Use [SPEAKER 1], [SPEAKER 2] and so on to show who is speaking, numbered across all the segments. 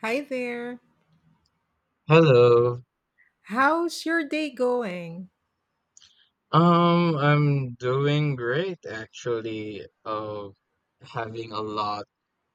[SPEAKER 1] Hi there.
[SPEAKER 2] Hello.
[SPEAKER 1] How's your day going?
[SPEAKER 2] I'm doing great actually. Having a lot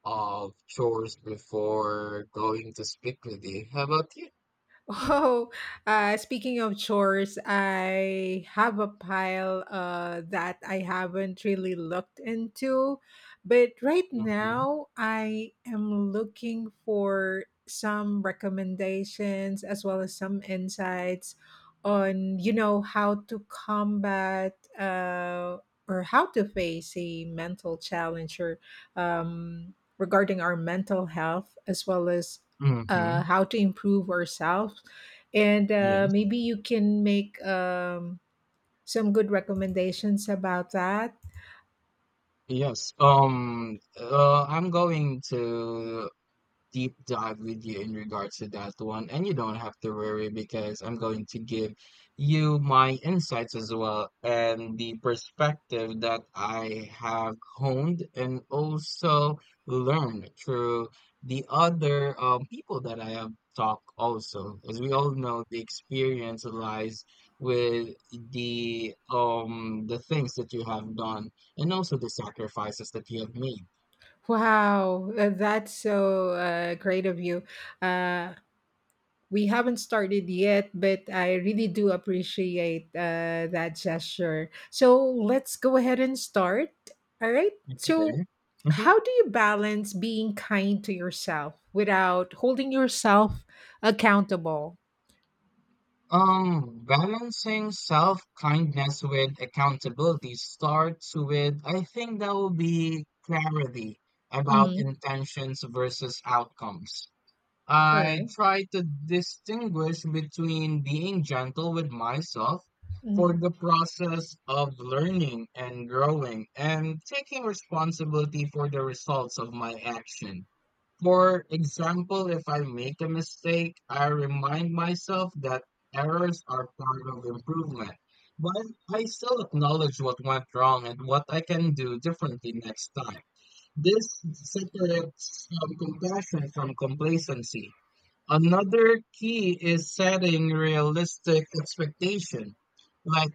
[SPEAKER 2] of chores before going to speak with you. How about you?
[SPEAKER 1] Oh, speaking of chores, I have a pile that I haven't really looked into. But right
[SPEAKER 2] Mm-hmm.
[SPEAKER 1] now, I am looking for some recommendations as well as some insights on, you know, how to combat or how to face a mental challenge or regarding our mental health as well as
[SPEAKER 2] Mm-hmm.
[SPEAKER 1] how to improve ourselves and
[SPEAKER 2] Yes.
[SPEAKER 1] maybe you can make some good recommendations about that.
[SPEAKER 2] Yes. I'm going to deep dive with you in regards to that one. And you don't have to worry because I'm going to give you my insights as well, and the perspective that I have honed and also learned through the other people that I have talked also. As we all know, the experience lies with the the things that you have done and also the sacrifices that you have made.
[SPEAKER 1] Wow, that's so great of you. uh, we haven't started yet, but I really do appreciate that gesture, so let's go ahead and start. All right, so
[SPEAKER 2] Okay. Mhm.
[SPEAKER 1] how do you balance being kind to yourself without holding yourself accountable?
[SPEAKER 2] Balancing self-kindness with accountability starts with, I think that will be, clarity about
[SPEAKER 1] Mhm.
[SPEAKER 2] intentions versus outcomes.
[SPEAKER 1] All
[SPEAKER 2] I
[SPEAKER 1] right.
[SPEAKER 2] try to distinguish between being gentle with myself for the process of learning and growing, and taking responsibility for the results of my action. For example, if I make a mistake, I remind myself that errors are part of improvement, but I still acknowledge what went wrong and what I can do differently next time. This separates compassion from complacency. Another key is setting realistic expectation. Like,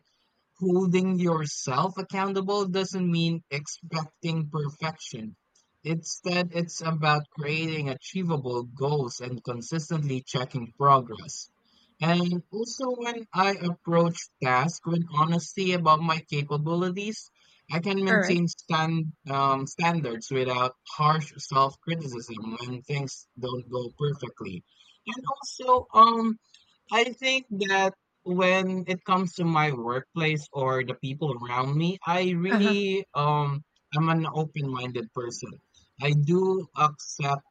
[SPEAKER 2] holding yourself accountable doesn't mean expecting perfection. Instead, it's about creating achievable goals and consistently checking progress. And also, when I approach tasks with honesty about my capabilities, I can
[SPEAKER 1] Alright.
[SPEAKER 2] maintain standards without harsh self criticism when things don't go perfectly. And also, I think that when it comes to my workplace or the people around me, I
[SPEAKER 1] Uh-huh.
[SPEAKER 2] really I'm an open-minded person. I do accept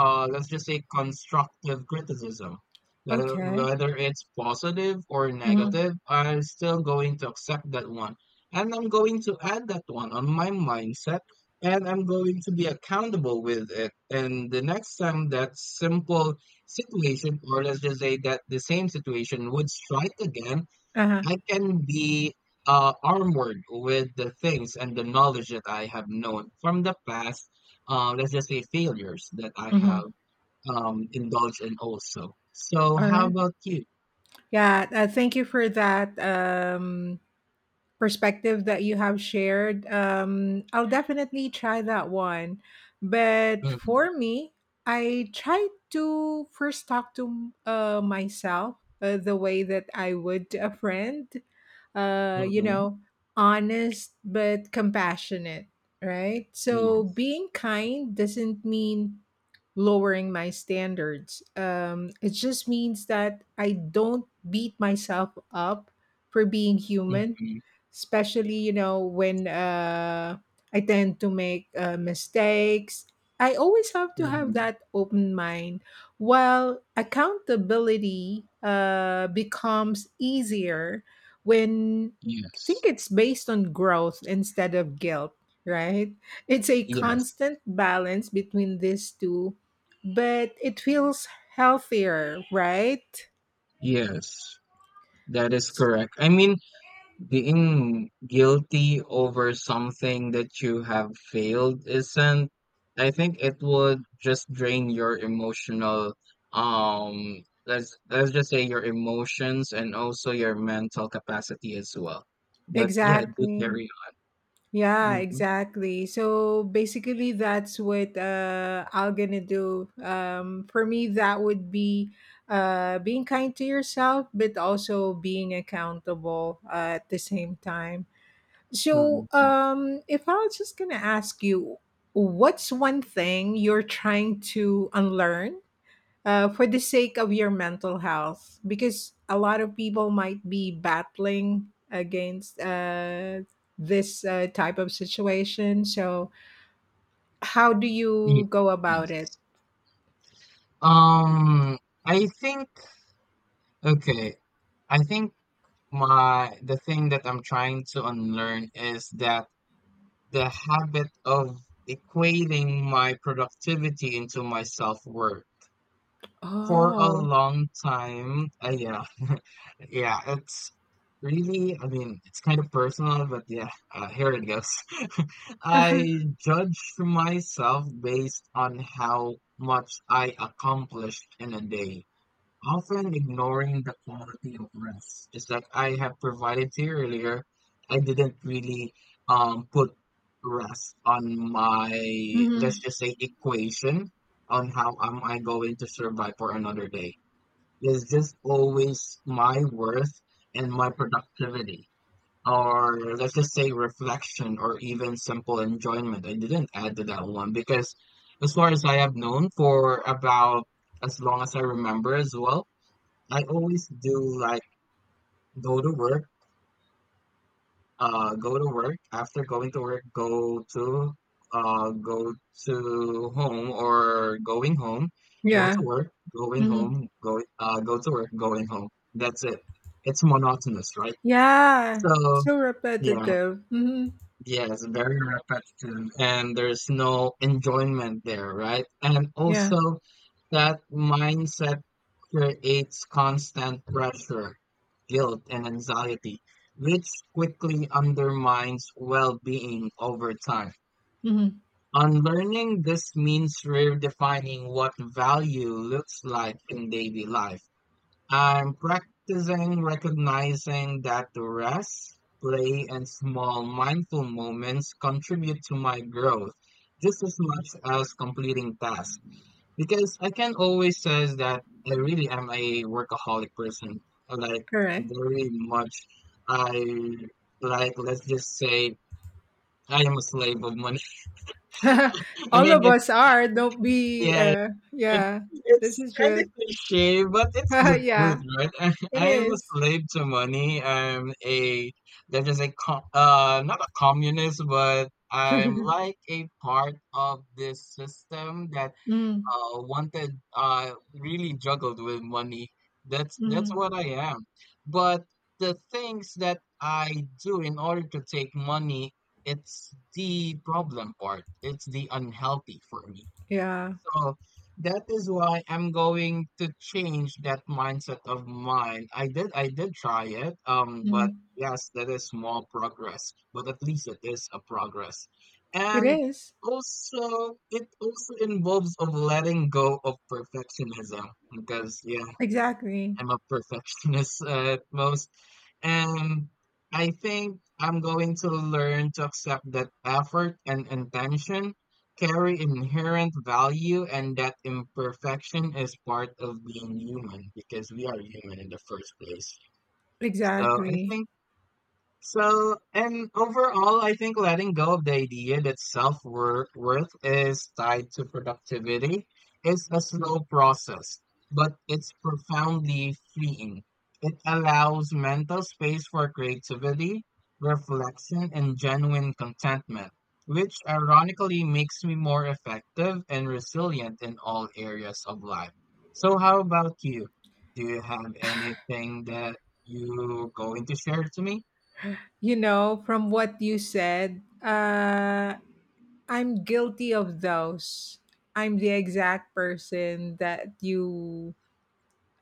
[SPEAKER 2] let's just say constructive criticism. That
[SPEAKER 1] Okay.
[SPEAKER 2] whether it's positive or
[SPEAKER 1] Mhm.
[SPEAKER 2] negative, I'm still going to accept that one. And I'm going to add that one on my mindset, and I'm going to be accountable with it. And the next time that simple situation, or let's just say that the same situation would strike again,
[SPEAKER 1] Uh-huh.
[SPEAKER 2] I can be armored with the things and the knowledge that I have known from the past, let's just say failures that I have
[SPEAKER 1] Mhm.
[SPEAKER 2] indulged in also. So, how
[SPEAKER 1] Alright.
[SPEAKER 2] about you?
[SPEAKER 1] Yeah, thank you for that, perspective that you have shared. I'll definitely try that one. But
[SPEAKER 2] Mm-hmm.
[SPEAKER 1] for me, I try to first talk to myself the way that I would to a friend. You
[SPEAKER 2] Mm-hmm.
[SPEAKER 1] know, honest but compassionate, right? So
[SPEAKER 2] Yes.
[SPEAKER 1] being kind doesn't mean lowering my standards. It just means that I don't beat myself up for being human,
[SPEAKER 2] Mm-hmm.
[SPEAKER 1] especially you know when I tend to make mistakes. I always have to have
[SPEAKER 2] Mm-hmm.
[SPEAKER 1] that open mind. While accountability becomes easier when I think
[SPEAKER 2] Yes.
[SPEAKER 1] it's based on growth instead of guilt, right? It's a
[SPEAKER 2] Yes.
[SPEAKER 1] constant balance between these two, but it feels healthier, right?
[SPEAKER 2] Yes. That is correct. I mean, being guilty over something that you have failed isn't, I think it would just drain your emotional, let's just say your emotions and also your mental capacity as well. But yeah, do
[SPEAKER 1] Exactly.
[SPEAKER 2] carry
[SPEAKER 1] Yeah,
[SPEAKER 2] on.
[SPEAKER 1] exactly. So basically, that's what I'm gonna do. For me, that would be being kind to yourself, but also being accountable at the same time. So,
[SPEAKER 2] Mhm, mhm.
[SPEAKER 1] if I was just gonna ask you, what's one thing you're trying to unlearn for the sake of your mental health, because a lot of people might be battling against this type of situation. So how do
[SPEAKER 2] Ye-
[SPEAKER 1] you go about it?
[SPEAKER 2] Yes. Um, I think, okay. I think my the thing that I'm trying to unlearn is that the habit of equating my productivity into my self-worth for a
[SPEAKER 1] Oh.
[SPEAKER 2] long time. Yeah, yeah, it's really, I mean, it's kind of personal, but yeah, here it goes. I judge myself based on how much I accomplished in a day, often ignoring the quality of rest. Just like I have provided to you earlier, I didn't really put rest on my, let's
[SPEAKER 1] Mhm.
[SPEAKER 2] just say, equation on how am I going to survive for another day. It's just always my worth and my productivity. Or let's just say reflection or even simple enjoyment. I didn't add to that one because as far as I have known, for about as long as I remember as well, I always do like go to work, go to work. After going to work, go to go to home, or going home, go
[SPEAKER 1] Yeah.
[SPEAKER 2] to work, going
[SPEAKER 1] Mhm.
[SPEAKER 2] home, go to work, going home. That's it. It's monotonous, right?
[SPEAKER 1] Yeah, it's
[SPEAKER 2] So
[SPEAKER 1] so
[SPEAKER 2] yeah.
[SPEAKER 1] repetitive. Hmm.
[SPEAKER 2] Yes, very repetitive, and there's no enjoyment there, right? And
[SPEAKER 1] Yeah.
[SPEAKER 2] also, that mindset creates constant pressure, guilt, and anxiety, which quickly undermines well being over time.
[SPEAKER 1] Hmm.
[SPEAKER 2] Unlearning this means redefining what value looks like in daily life. I'm practicing recognizing that the rest, play, and small mindful moments contribute to my growth just as much as completing tasks. Because I can always say that I really am a workaholic person. Like,
[SPEAKER 1] Correct.
[SPEAKER 2] very much, I like, let's just say, I am a slave of money. I
[SPEAKER 1] All
[SPEAKER 2] mean,
[SPEAKER 1] of us are. Don't be
[SPEAKER 2] yeah, It's
[SPEAKER 1] yeah. This
[SPEAKER 2] it's
[SPEAKER 1] is
[SPEAKER 2] kind of
[SPEAKER 1] true.
[SPEAKER 2] cliche, but it's the truth,
[SPEAKER 1] Yeah.
[SPEAKER 2] right?
[SPEAKER 1] It
[SPEAKER 2] I am a
[SPEAKER 1] is.
[SPEAKER 2] slave to money. I'm a They're just a co not a communist, but I'm like a part of this system that
[SPEAKER 1] Mm-hmm.
[SPEAKER 2] wanted really juggled with money. That's
[SPEAKER 1] Mm-hmm.
[SPEAKER 2] what I am. But the things that I do in order to take money, it's the problem part. It's the unhealthy for me.
[SPEAKER 1] Yeah.
[SPEAKER 2] So that is why I'm going to change that mindset of mine. I did try it, but
[SPEAKER 1] Mhm.
[SPEAKER 2] yes, that is small progress, but at least it is a progress.
[SPEAKER 1] It
[SPEAKER 2] And
[SPEAKER 1] is.
[SPEAKER 2] also it also involves of letting go of perfectionism because yeah,
[SPEAKER 1] Exactly.
[SPEAKER 2] I'm a perfectionist at most. And I think I'm going to learn to accept that effort and intention carry inherent value, and that imperfection is part of being human because we are human in the first place. So I
[SPEAKER 1] Exactly.
[SPEAKER 2] think so, and overall, I think letting go of the idea that self worth is tied to productivity is a slow process, but it's profoundly freeing. It allows mental space for creativity, reflection, and genuine contentment, which ironically makes me more effective and resilient in all areas of life. So, how about you? Do you have anything that you're going to share to me?
[SPEAKER 1] You know, from what you said, I'm guilty of those. I'm the exact person that you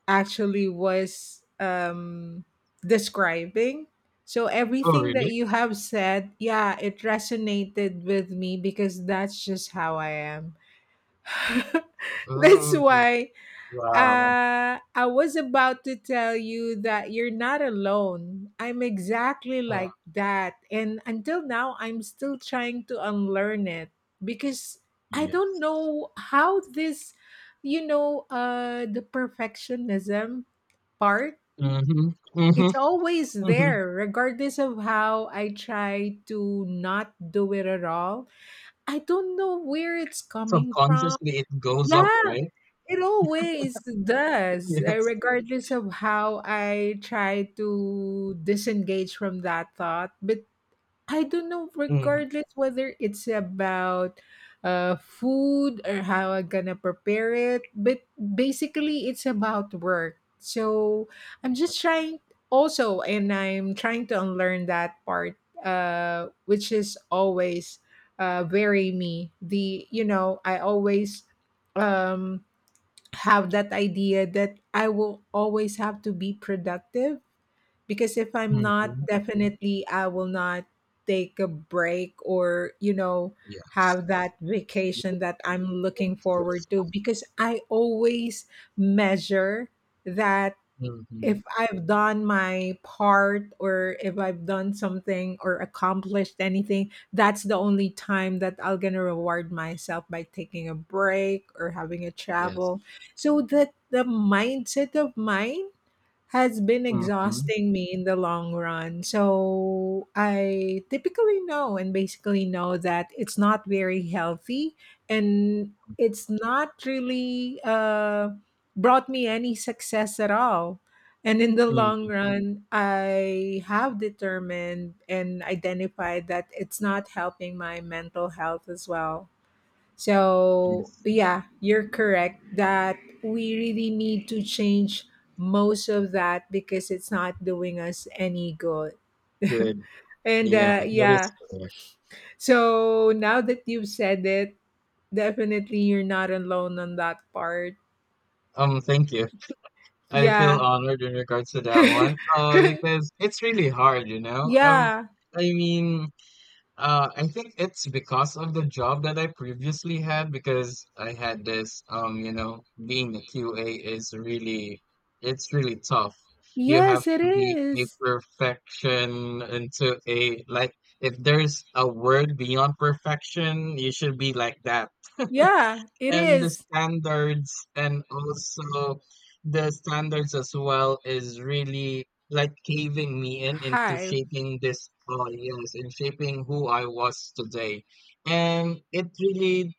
[SPEAKER 1] actually was describing. So
[SPEAKER 2] Oh,
[SPEAKER 1] everything that
[SPEAKER 2] really?
[SPEAKER 1] you have said, yeah, it resonated with me because that's just how I am. That's
[SPEAKER 2] Oh,
[SPEAKER 1] why.
[SPEAKER 2] wow.
[SPEAKER 1] I was about to tell you that you're not alone. I'm exactly
[SPEAKER 2] Uh,
[SPEAKER 1] like that. And until now, I'm still trying to unlearn it, because I don't
[SPEAKER 2] yes.
[SPEAKER 1] know how this, you know, the perfectionism part,
[SPEAKER 2] Mm-hmm. Mm-hmm.
[SPEAKER 1] it's always
[SPEAKER 2] Mm-hmm.
[SPEAKER 1] there, regardless of how I try to not do it at all. I don't know where it's coming from.
[SPEAKER 2] Subconsciously, it goes
[SPEAKER 1] Yeah,
[SPEAKER 2] up, right?
[SPEAKER 1] it always does,
[SPEAKER 2] Yes.
[SPEAKER 1] regardless of how I try to disengage from that thought. But I don't know,
[SPEAKER 2] Mm-hmm.
[SPEAKER 1] regardless whether it's about food or how I'm gonna prepare it. But basically, it's about work. So I'm just trying also, and I'm trying to unlearn that part, which is always very me. The, you know, I always. Um, have that idea that I will always have to be productive, because if I'm not,
[SPEAKER 2] Mm-hmm.
[SPEAKER 1] definitely I will not take a break or, you know,
[SPEAKER 2] Yes.
[SPEAKER 1] have that
[SPEAKER 2] You
[SPEAKER 1] vacation that
[SPEAKER 2] feel
[SPEAKER 1] I'm
[SPEAKER 2] good
[SPEAKER 1] looking
[SPEAKER 2] to
[SPEAKER 1] forward
[SPEAKER 2] yourself.
[SPEAKER 1] to, because I always measure that
[SPEAKER 2] Mm-hmm.
[SPEAKER 1] if I've done my part or if I've done something or accomplished anything, that's the only time that I'll gonna reward myself by taking a break or having a
[SPEAKER 2] Yes.
[SPEAKER 1] travel. So that the mindset of mine has been
[SPEAKER 2] Mm-hmm.
[SPEAKER 1] exhausting me in the long run. So I typically know and basically know that it's not very healthy and it's not really brought me any success at all. And in the long
[SPEAKER 2] Mm-hmm.
[SPEAKER 1] run, I have determined and identified that it's not helping my mental health as well. So,
[SPEAKER 2] Yes.
[SPEAKER 1] but yeah, you're correct that we really need to change most of that because it's not doing us any good.
[SPEAKER 2] Good.
[SPEAKER 1] And
[SPEAKER 2] Yeah, that
[SPEAKER 1] yeah,
[SPEAKER 2] is correct.
[SPEAKER 1] so now that you've said it, definitely you're not alone on that part.
[SPEAKER 2] Thank you. I feel
[SPEAKER 1] Yeah.
[SPEAKER 2] honored in regards to that one. Because it's really hard, you know?
[SPEAKER 1] Yeah.
[SPEAKER 2] I mean, I think it's because of the job that I previously had, because I had this you know, being a QA is really, it's really tough. You have
[SPEAKER 1] Yes, it
[SPEAKER 2] to be a
[SPEAKER 1] is.
[SPEAKER 2] perfection into a, like, if there's a word beyond perfection, you should be like that.
[SPEAKER 1] Yeah, it
[SPEAKER 2] And the
[SPEAKER 1] is.
[SPEAKER 2] standards, and also the standards as well, is really like caving me in into
[SPEAKER 1] Hi.
[SPEAKER 2] shaping this, oh yes, in shaping who I was today. And it really,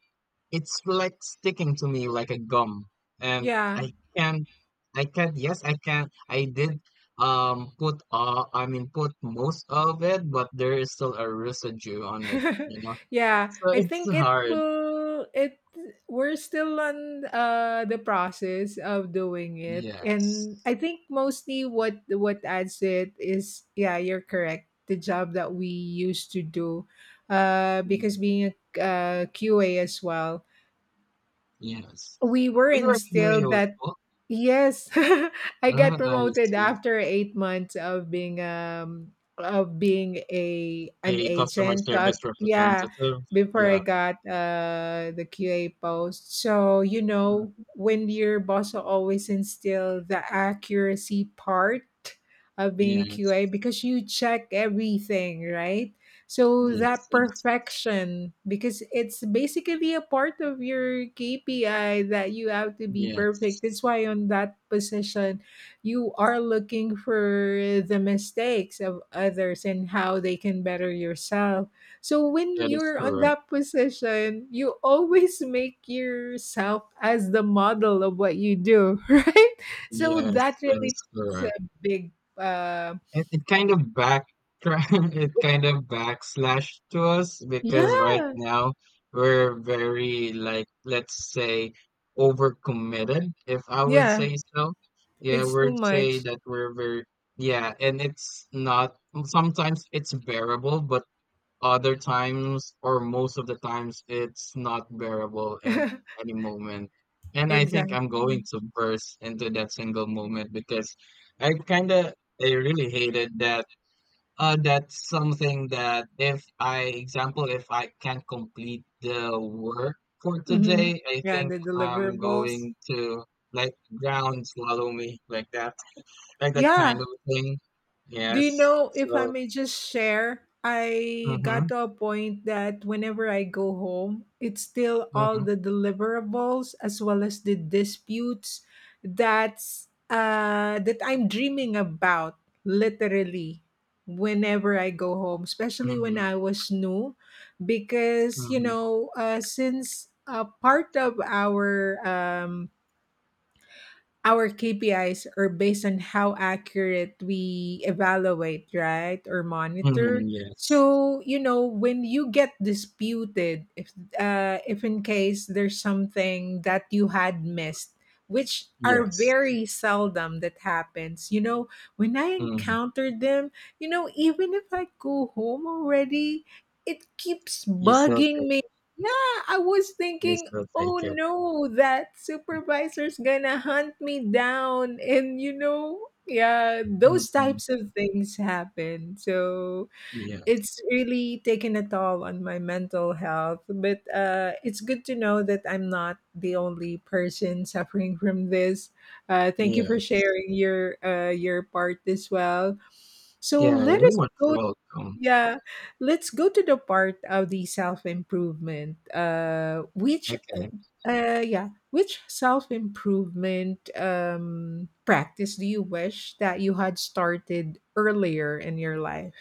[SPEAKER 2] it's like sticking to me like a gum, and
[SPEAKER 1] Yeah.
[SPEAKER 2] i can I can yes, I can, I did put, put most of it, but there is still a residue on it, you know,
[SPEAKER 1] Yeah,
[SPEAKER 2] so
[SPEAKER 1] I
[SPEAKER 2] it's
[SPEAKER 1] think it
[SPEAKER 2] hard.
[SPEAKER 1] will it we're still on the process of doing it.
[SPEAKER 2] Yes.
[SPEAKER 1] And I think mostly what adds to it is yeah, you're correct. The job that we used to do because
[SPEAKER 2] Mm-hmm.
[SPEAKER 1] being a QA as well,
[SPEAKER 2] Yes.
[SPEAKER 1] we were
[SPEAKER 2] We were here
[SPEAKER 1] instilled that.
[SPEAKER 2] also.
[SPEAKER 1] Yes. I got
[SPEAKER 2] I
[SPEAKER 1] promoted
[SPEAKER 2] see.
[SPEAKER 1] after 8 months of being a an
[SPEAKER 2] A customer
[SPEAKER 1] agent. So
[SPEAKER 2] service
[SPEAKER 1] a- yeah,
[SPEAKER 2] representative.
[SPEAKER 1] before
[SPEAKER 2] Yeah.
[SPEAKER 1] I got the QA post. So you know
[SPEAKER 2] Mm,
[SPEAKER 1] when your boss will always instill the accuracy part of being a
[SPEAKER 2] yes.
[SPEAKER 1] QA, because you check everything, right? So
[SPEAKER 2] Yes.
[SPEAKER 1] that perfection, because it's basically a part of your KPI that you have to be perfect.
[SPEAKER 2] Yes.
[SPEAKER 1] That's why on that position, you are looking for the mistakes of others and how they can better yourself. So when
[SPEAKER 2] That is
[SPEAKER 1] you're on
[SPEAKER 2] correct.
[SPEAKER 1] that position, you always make yourself as the model of what you do, right? So that
[SPEAKER 2] Yes. That
[SPEAKER 1] really
[SPEAKER 2] is
[SPEAKER 1] is
[SPEAKER 2] correct.
[SPEAKER 1] a big, uh,
[SPEAKER 2] It kind of back it kind of backslash to us, because right
[SPEAKER 1] yeah,
[SPEAKER 2] now we're very like, let's say, overcommitted, if I would
[SPEAKER 1] yeah,
[SPEAKER 2] say so. Yeah,
[SPEAKER 1] it's too
[SPEAKER 2] we'd say
[SPEAKER 1] much.
[SPEAKER 2] that we're very, yeah, and it's not, sometimes it's bearable, but other times, or most of the times, it's not bearable in any moment. And I think I'm going
[SPEAKER 1] Exactly.
[SPEAKER 2] to burst into that single moment because I kind of I really hated that. That's something that if I can't complete the work for
[SPEAKER 1] Mhm.
[SPEAKER 2] today, I
[SPEAKER 1] Yeah,
[SPEAKER 2] think
[SPEAKER 1] the
[SPEAKER 2] I'm
[SPEAKER 1] deliverables.
[SPEAKER 2] going to, like, ground swallow me like that kind of
[SPEAKER 1] Yeah.
[SPEAKER 2] thing.
[SPEAKER 1] Do you
[SPEAKER 2] Yes.
[SPEAKER 1] know if I
[SPEAKER 2] So.
[SPEAKER 1] may just share? I got
[SPEAKER 2] Mm-hmm.
[SPEAKER 1] to a point that whenever I go home, it's still all
[SPEAKER 2] Mm-hmm.
[SPEAKER 1] the deliverables as well as the disputes that's that I'm dreaming about literally whenever I go home, especially when
[SPEAKER 2] Mm-hmm.
[SPEAKER 1] I was new, because you
[SPEAKER 2] Mm-hmm.
[SPEAKER 1] know, since part of our KPIs are based on how accurate we evaluate, right, or
[SPEAKER 2] Mhm,
[SPEAKER 1] monitor.
[SPEAKER 2] yes.
[SPEAKER 1] So you know when you get disputed, if in case there's something that you had missed, which are
[SPEAKER 2] Yes.
[SPEAKER 1] very seldom that happens. You know when I
[SPEAKER 2] Mhm.
[SPEAKER 1] encountered them, you know even if I go home already, it keeps
[SPEAKER 2] You still
[SPEAKER 1] bugging
[SPEAKER 2] take
[SPEAKER 1] me.
[SPEAKER 2] it.
[SPEAKER 1] Yeah, I was
[SPEAKER 2] You
[SPEAKER 1] thinking
[SPEAKER 2] still
[SPEAKER 1] oh
[SPEAKER 2] take it.
[SPEAKER 1] no, that supervisor's gonna hunt me down. And you know, yeah, those
[SPEAKER 2] Mhm.
[SPEAKER 1] types of things happen. So
[SPEAKER 2] Yes.
[SPEAKER 1] it's really taken a toll on my mental health. But it's good to know that I'm not the only person suffering from this. Thank you for
[SPEAKER 2] Yes.
[SPEAKER 1] sharing your part as well. So
[SPEAKER 2] Yeah,
[SPEAKER 1] let us
[SPEAKER 2] everyone's
[SPEAKER 1] go.
[SPEAKER 2] welcome.
[SPEAKER 1] Yeah, let's go to the part of the self improvement. Which
[SPEAKER 2] Okay.
[SPEAKER 1] yeah. Which self improvement practice do you wish that you had started earlier in your life?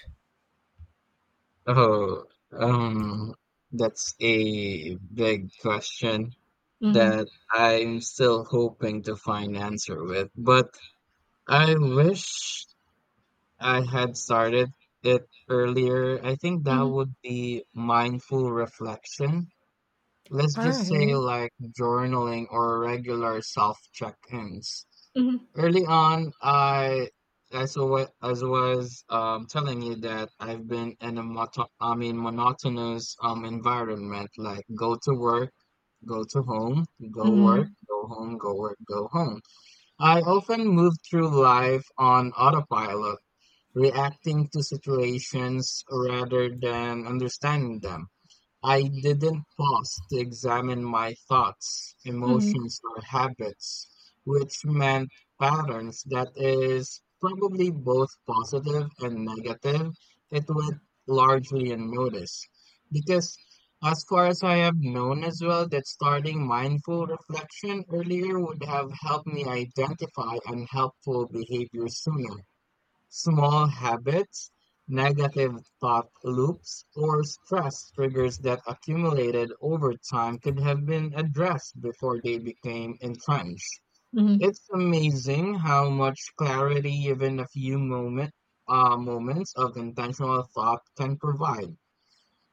[SPEAKER 2] Oh, um, that's a big question
[SPEAKER 1] Mm-hmm.
[SPEAKER 2] that I'm still hoping to find answer with, but I wish I had started it earlier. I think that
[SPEAKER 1] Mm-hmm.
[SPEAKER 2] would be mindful reflection. Let's
[SPEAKER 1] All
[SPEAKER 2] just say
[SPEAKER 1] right.
[SPEAKER 2] like journaling or regular self check-ins.
[SPEAKER 1] Mm-hmm.
[SPEAKER 2] Early on, I, as was telling you that I've been in a monotonous environment, like go to work, go to home, go work,
[SPEAKER 1] Mm-hmm.
[SPEAKER 2] go home, go work, go home. I often move through life on autopilot, reacting to situations rather than understanding them. I didn't pause to examine my thoughts,
[SPEAKER 1] Mm-hmm.
[SPEAKER 2] emotions, or habits, which meant patterns that is probably both positive and negative. It went largely unnoticed. Because, as far as I have known as well, that starting mindful reflection earlier would have helped me identify unhelpful behavior sooner. Small habits, negative thought loops, or stress triggers that accumulated over time could have been addressed before they became entrenched.
[SPEAKER 1] Mm-hmm.
[SPEAKER 2] It's amazing how much clarity even a few moments of intentional thought can provide.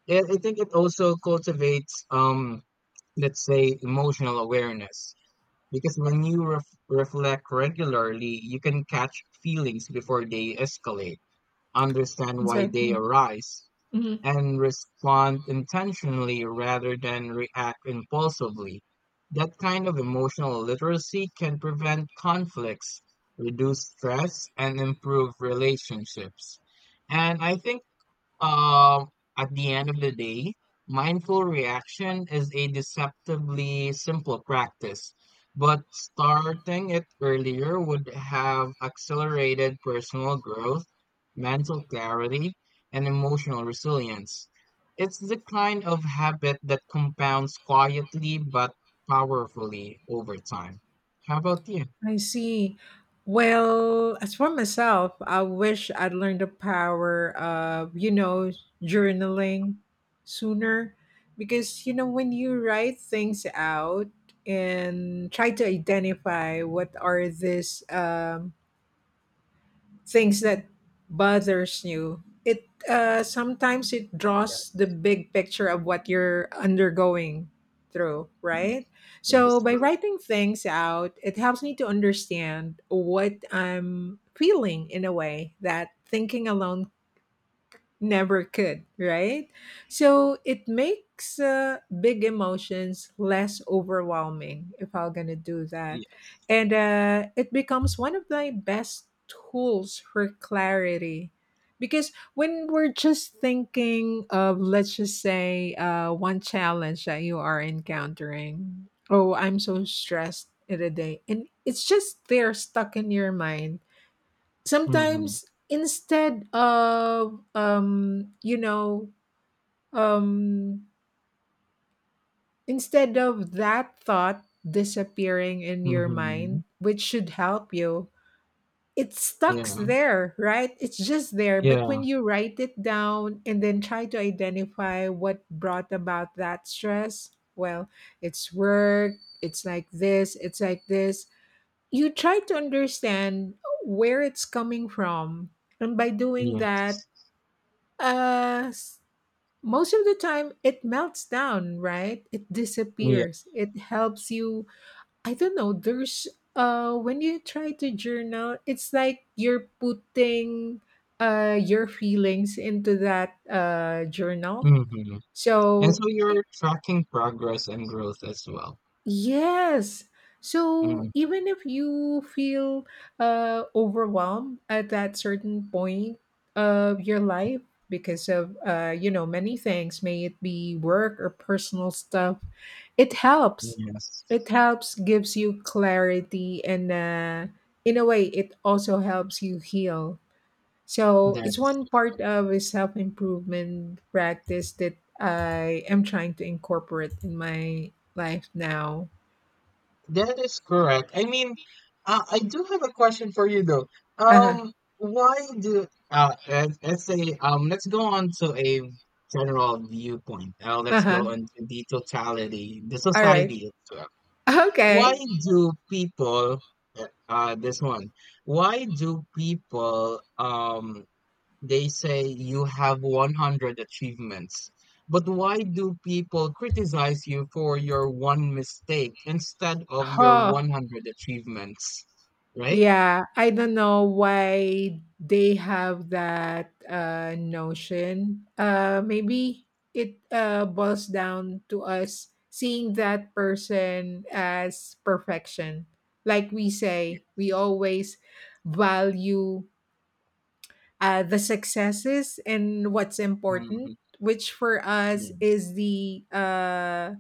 [SPEAKER 2] And I think it also cultivates, let's say, emotional awareness. Because when you reflect regularly, you can catch feelings before they escalate, understand why they
[SPEAKER 1] Exactly.
[SPEAKER 2] arise,
[SPEAKER 1] Mhm.
[SPEAKER 2] and respond intentionally rather than react impulsively. That kind of emotional literacy can prevent conflicts, reduce stress, and improve relationships. And I think um, at the end of the day, mindful reaction is a deceptively simple practice, but starting it earlier would have accelerated personal growth, mental clarity, and emotional resilience. It's the kind of habit that compounds quietly but powerfully over time. How about you?
[SPEAKER 1] I see. Well, as for myself, I wish I'd learned the power of, you know, journaling sooner, because, you know, when you write things out and try to identify what are these things that bothers you, it sometimes it draws the
[SPEAKER 2] Yes,
[SPEAKER 1] big picture of what you're undergoing through,
[SPEAKER 2] yes,
[SPEAKER 1] right?
[SPEAKER 2] that
[SPEAKER 1] So
[SPEAKER 2] is
[SPEAKER 1] by
[SPEAKER 2] correct.
[SPEAKER 1] writing things out, it helps me to understand what I'm feeling in a way that thinking alone never could, right? So it makes big emotions less overwhelming if I'm gonna do that.
[SPEAKER 2] Yes.
[SPEAKER 1] And it becomes one of my best tools for clarity. Because when we're just thinking of, let's just say, one challenge that you are encountering, oh, I'm so stressed in a day, and it's just there stuck in your mind
[SPEAKER 2] Mm-hmm.
[SPEAKER 1] sometimes, instead of you know um instead of that thought disappearing in your
[SPEAKER 2] Mm-hmm.
[SPEAKER 1] mind, which should help you, it stucks
[SPEAKER 2] Yeah.
[SPEAKER 1] there, right? It's just there. But
[SPEAKER 2] Yeah.
[SPEAKER 1] when you write it down and then try to identify what brought about that stress, well, it's work. It's like this, it's like this, you try to understand where it's coming from. And by doing that,
[SPEAKER 2] Yes.
[SPEAKER 1] Uh, s- most of the time it melts down, right? It
[SPEAKER 2] Yeah.
[SPEAKER 1] disappears. It helps you. I don't know. There's when you try to journal, it's like you're putting your feelings into that journal.
[SPEAKER 2] Mhm. And so
[SPEAKER 1] So
[SPEAKER 2] you're tracking progress and growth as well.
[SPEAKER 1] yes. So
[SPEAKER 2] Mm,
[SPEAKER 1] even if you feel overwhelmed at that certain point of your life because of you know many things, may it be work or personal stuff, it helps.
[SPEAKER 2] yes.
[SPEAKER 1] It helps, gives you clarity, and in a way, it also helps you heal. So
[SPEAKER 2] That
[SPEAKER 1] it's
[SPEAKER 2] is
[SPEAKER 1] one part of a self improvement practice that I am trying to incorporate in my life now.
[SPEAKER 2] that is correct. I mean, I do have a question for you though.
[SPEAKER 1] Uh-huh,
[SPEAKER 2] Um, why do let's say let's go on to a general viewpoint. Let's
[SPEAKER 1] uh-huh.
[SPEAKER 2] go into the totality, the
[SPEAKER 1] Alright.
[SPEAKER 2] society itself. Why
[SPEAKER 1] Okay.
[SPEAKER 2] do people this one? Why do people they say you have 100 achievements. But why do people criticize you for your one mistake instead of your
[SPEAKER 1] Huh.
[SPEAKER 2] 100 achievements, right?
[SPEAKER 1] Yeah, I don't know why they have that notion. Uh, maybe it boils down to us seeing that person as perfection. Like we say, we always value the successes and what's important,
[SPEAKER 2] Mhm.
[SPEAKER 1] which for us
[SPEAKER 2] Yes,
[SPEAKER 1] is the uh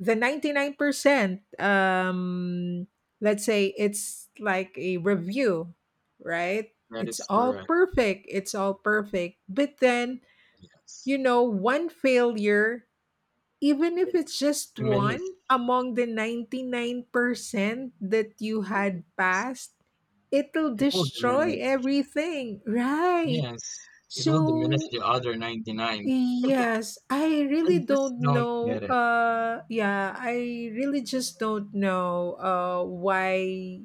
[SPEAKER 1] the 99%. Um, let's say it's like a review, right?
[SPEAKER 2] that
[SPEAKER 1] It's
[SPEAKER 2] is
[SPEAKER 1] all
[SPEAKER 2] correct.
[SPEAKER 1] perfect, it's all perfect, but then
[SPEAKER 2] Yes.
[SPEAKER 1] you know one failure, even if
[SPEAKER 2] It
[SPEAKER 1] it's just one
[SPEAKER 2] diminishes.
[SPEAKER 1] among the 99% that you had passed, it'll
[SPEAKER 2] It will
[SPEAKER 1] destroy
[SPEAKER 2] diminish.
[SPEAKER 1] everything, right?
[SPEAKER 2] Yes. It will diminish
[SPEAKER 1] So
[SPEAKER 2] the other 99.
[SPEAKER 1] yes, I
[SPEAKER 2] I
[SPEAKER 1] really
[SPEAKER 2] just
[SPEAKER 1] don't
[SPEAKER 2] don't
[SPEAKER 1] know.
[SPEAKER 2] get it.
[SPEAKER 1] Yeah, I really just don't know. Why?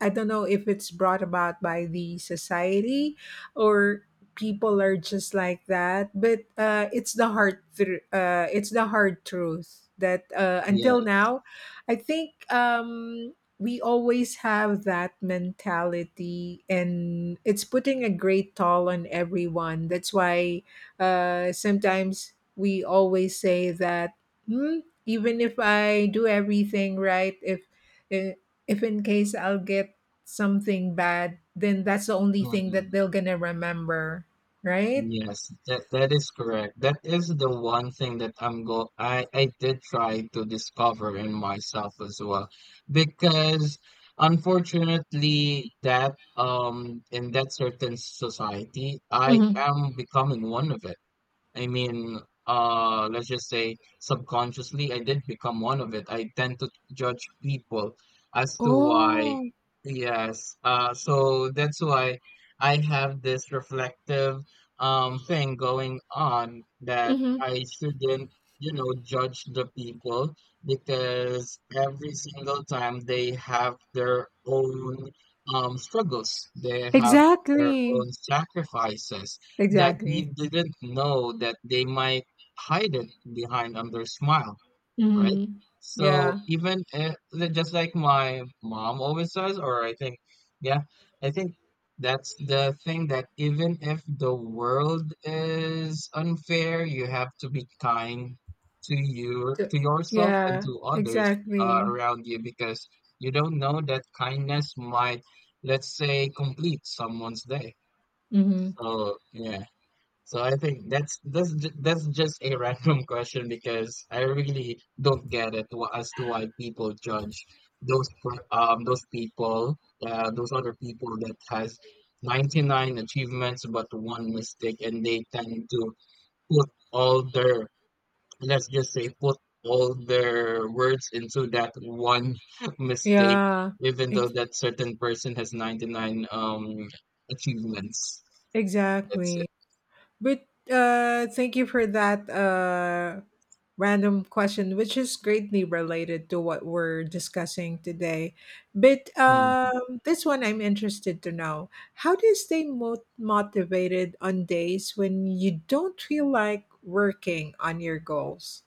[SPEAKER 1] I don't know if it's brought about by the society or people are just like that, but it's the it's the hard truth that until
[SPEAKER 2] Yes.
[SPEAKER 1] now, I think we always have that mentality, and it's putting a great toll on everyone. That's why sometimes we always say that. Hmm, even if I do everything right, uh, if in case I'll get something bad, then that's the only thing
[SPEAKER 2] Mm-hmm.
[SPEAKER 1] that they're gonna remember, right?
[SPEAKER 2] Yes, that is correct. That is the one thing that I'm go I did try to discover in myself as well. Because unfortunately that in that certain society I
[SPEAKER 1] Mhm.
[SPEAKER 2] am becoming one of it. I mean, let's just say subconsciously, I did become one of it. I tend to judge people as to why.
[SPEAKER 1] Oh.
[SPEAKER 2] Yes. So that's why I have this reflective thing going on that
[SPEAKER 1] Mhm.
[SPEAKER 2] I shouldn't, you know, judge the people because every single time they have their own struggles. They have their
[SPEAKER 1] Exactly.
[SPEAKER 2] own sacrifices that we
[SPEAKER 1] Exactly.
[SPEAKER 2] didn't know that they might hide it behind another smile, right?
[SPEAKER 1] Mhm.
[SPEAKER 2] So
[SPEAKER 1] Yeah.
[SPEAKER 2] even if, just like my mom always says, or I think, yeah, I think that's the thing, that even if the world is unfair, you have to be kind to you,
[SPEAKER 1] T
[SPEAKER 2] to yourself and
[SPEAKER 1] yeah,
[SPEAKER 2] to others
[SPEAKER 1] exactly.
[SPEAKER 2] around you, because you don't know that kindness might, let's say, complete someone's day.
[SPEAKER 1] Mhm.
[SPEAKER 2] So yeah. So I think that's just a random question, because I really don't get it as to why people judge those people those other people that has 99 achievements but one mistake, and they tend to put all their, let's just say, put all their words into that one mistake,
[SPEAKER 1] Yeah.
[SPEAKER 2] even though
[SPEAKER 1] Ex
[SPEAKER 2] that certain person has 99 achievements. That's it.
[SPEAKER 1] Exactly. But, thank you for that, random question, which is greatly related to what we're discussing today. But
[SPEAKER 2] Mm.
[SPEAKER 1] this one I'm interested to know. How do you stay mo- motivated on days when you don't feel like working on your goals?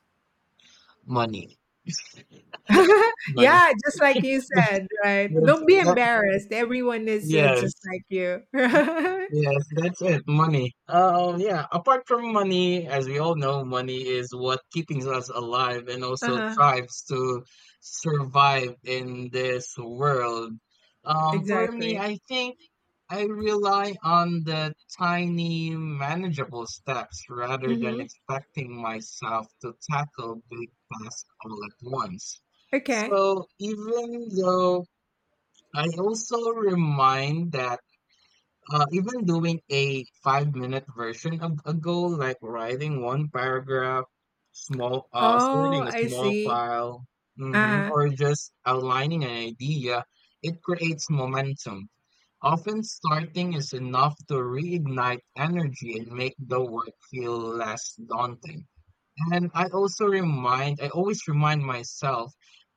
[SPEAKER 2] Money. Money.
[SPEAKER 1] Yeah, just like you
[SPEAKER 2] That's
[SPEAKER 1] said, right?
[SPEAKER 2] that's
[SPEAKER 1] Don't be
[SPEAKER 2] that
[SPEAKER 1] embarrassed. Everyone is just
[SPEAKER 2] yes.
[SPEAKER 1] like you. Uh-huh.
[SPEAKER 2] Yes, that's it, money. Yeah, apart from money, as we all know, money is what keeping us alive and also thrives to survive in this world. For me,
[SPEAKER 1] Exactly.
[SPEAKER 2] I think I rely on the tiny manageable steps rather than
[SPEAKER 1] Mm-hmm.
[SPEAKER 2] expecting myself to tackle big tasks all at once.
[SPEAKER 1] Okay.
[SPEAKER 2] So even though I also remind that even doing a 5 minute version of a goal, like writing one paragraph, small,
[SPEAKER 1] Oh,
[SPEAKER 2] sorting a
[SPEAKER 1] I
[SPEAKER 2] small
[SPEAKER 1] see.
[SPEAKER 2] file, mhm,
[SPEAKER 1] Uh-huh.
[SPEAKER 2] or just outlining an idea, it creates momentum. Often starting is enough to reignite energy and make the work feel less daunting. And I always remind myself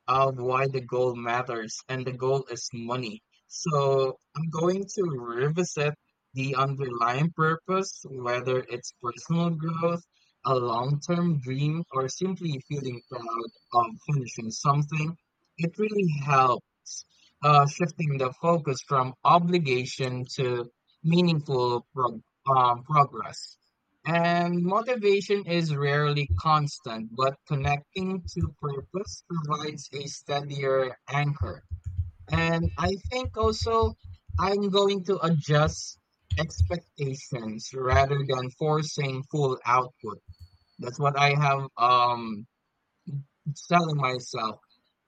[SPEAKER 2] of why the goal matters, and the goal is money. So I'm going to revisit the underlying purpose, whether it's personal growth, a long-term dream, or simply feeling proud of finishing something. It really helps shifting the focus from obligation to meaningful progress. And motivation is rarely constant, but connecting to purpose provides a steadier anchor. And I think also I'm going to adjust expectations rather than forcing full output. That's what I have, selling myself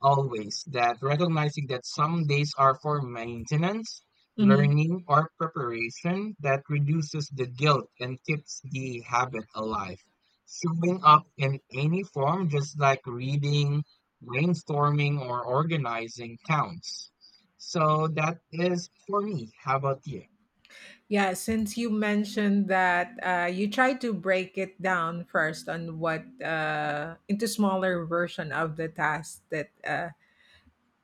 [SPEAKER 2] always, that recognizing that some days are for maintenance,
[SPEAKER 1] Mhm.
[SPEAKER 2] learning, or preparation that reduces the guilt and keeps the habit alive. Showing up in any form, just like reading, brainstorming, or organizing, counts. So that is for me. How about you?
[SPEAKER 1] Yeah, since you mentioned that you try to break it down first on what into smaller version of the task that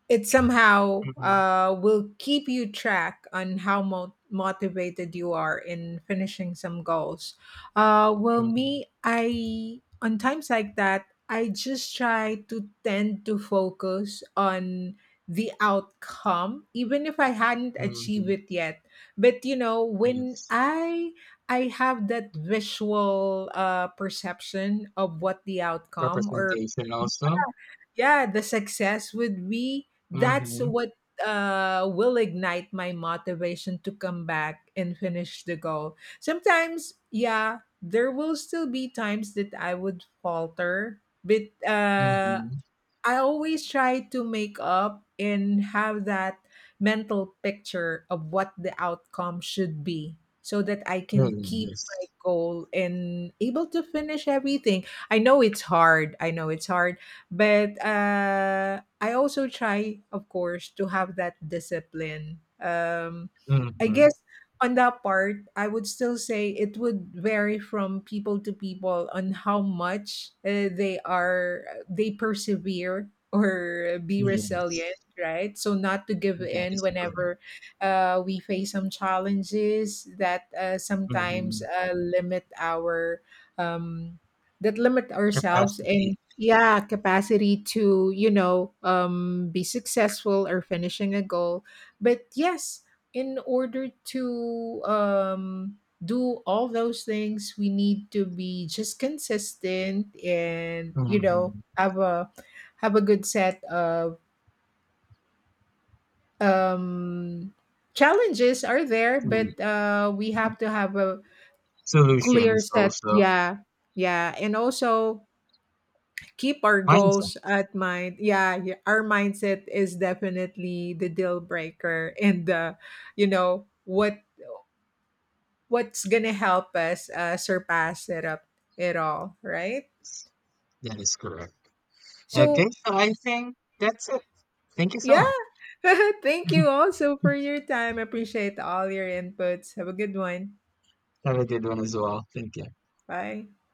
[SPEAKER 1] it somehow
[SPEAKER 2] Hmm.
[SPEAKER 1] will keep you track on how mo- motivated you are in finishing some goals. Well,
[SPEAKER 2] Hmm.
[SPEAKER 1] me, I on times like that, I just try to tend to focus on the outcome, even if I hadn't achieved
[SPEAKER 2] Hmm.
[SPEAKER 1] it yet. But you know, when
[SPEAKER 2] Yes.
[SPEAKER 1] I have that visual perception of what the outcome or
[SPEAKER 2] Representation also.
[SPEAKER 1] yeah the success would be, that's
[SPEAKER 2] Mm-hmm.
[SPEAKER 1] what will ignite my motivation to come back and finish the goal. Sometimes yeah there will still be times that I would falter, but
[SPEAKER 2] Mm-hmm.
[SPEAKER 1] I always try to make up and have that mental picture of what the outcome should be so that I can
[SPEAKER 2] Mm-hmm,
[SPEAKER 1] keep my
[SPEAKER 2] yes.
[SPEAKER 1] goal and able to finish everything. I know it's hard. I know it's hard, but I also try of course to have that discipline. Um, I
[SPEAKER 2] Mhm.
[SPEAKER 1] guess on that part, I would still say it would vary from people to people on how much they persevere or be resilient,
[SPEAKER 2] Yes.
[SPEAKER 1] right? So not to give
[SPEAKER 2] That
[SPEAKER 1] in
[SPEAKER 2] is correct.
[SPEAKER 1] whenever we face some challenges that sometimes
[SPEAKER 2] Mhm.
[SPEAKER 1] limit our um, that limit ourselves
[SPEAKER 2] Capacity.
[SPEAKER 1] and yeah capacity to you know be successful or finishing a goal, but yes, in order to do all those things, we need to be just consistent and you know
[SPEAKER 2] Mhm.
[SPEAKER 1] have a good set of um, challenges are there,
[SPEAKER 2] Mhm.
[SPEAKER 1] but we have to have a clear
[SPEAKER 2] Solutions
[SPEAKER 1] set.
[SPEAKER 2] also.
[SPEAKER 1] Yeah, yeah, and also keep our
[SPEAKER 2] Mindset.
[SPEAKER 1] goals at mind. Yeah, yeah, our mindset is definitely the deal breaker and the you know what what's gonna help us surpass it all, right?
[SPEAKER 2] That is correct. Okay,
[SPEAKER 1] So
[SPEAKER 2] so I think that's it. Thank you so much.
[SPEAKER 1] yeah, thank you also for your time. Appreciate all your inputs. Have a good one.
[SPEAKER 2] Have a good one as well. Thank you.
[SPEAKER 1] Bye.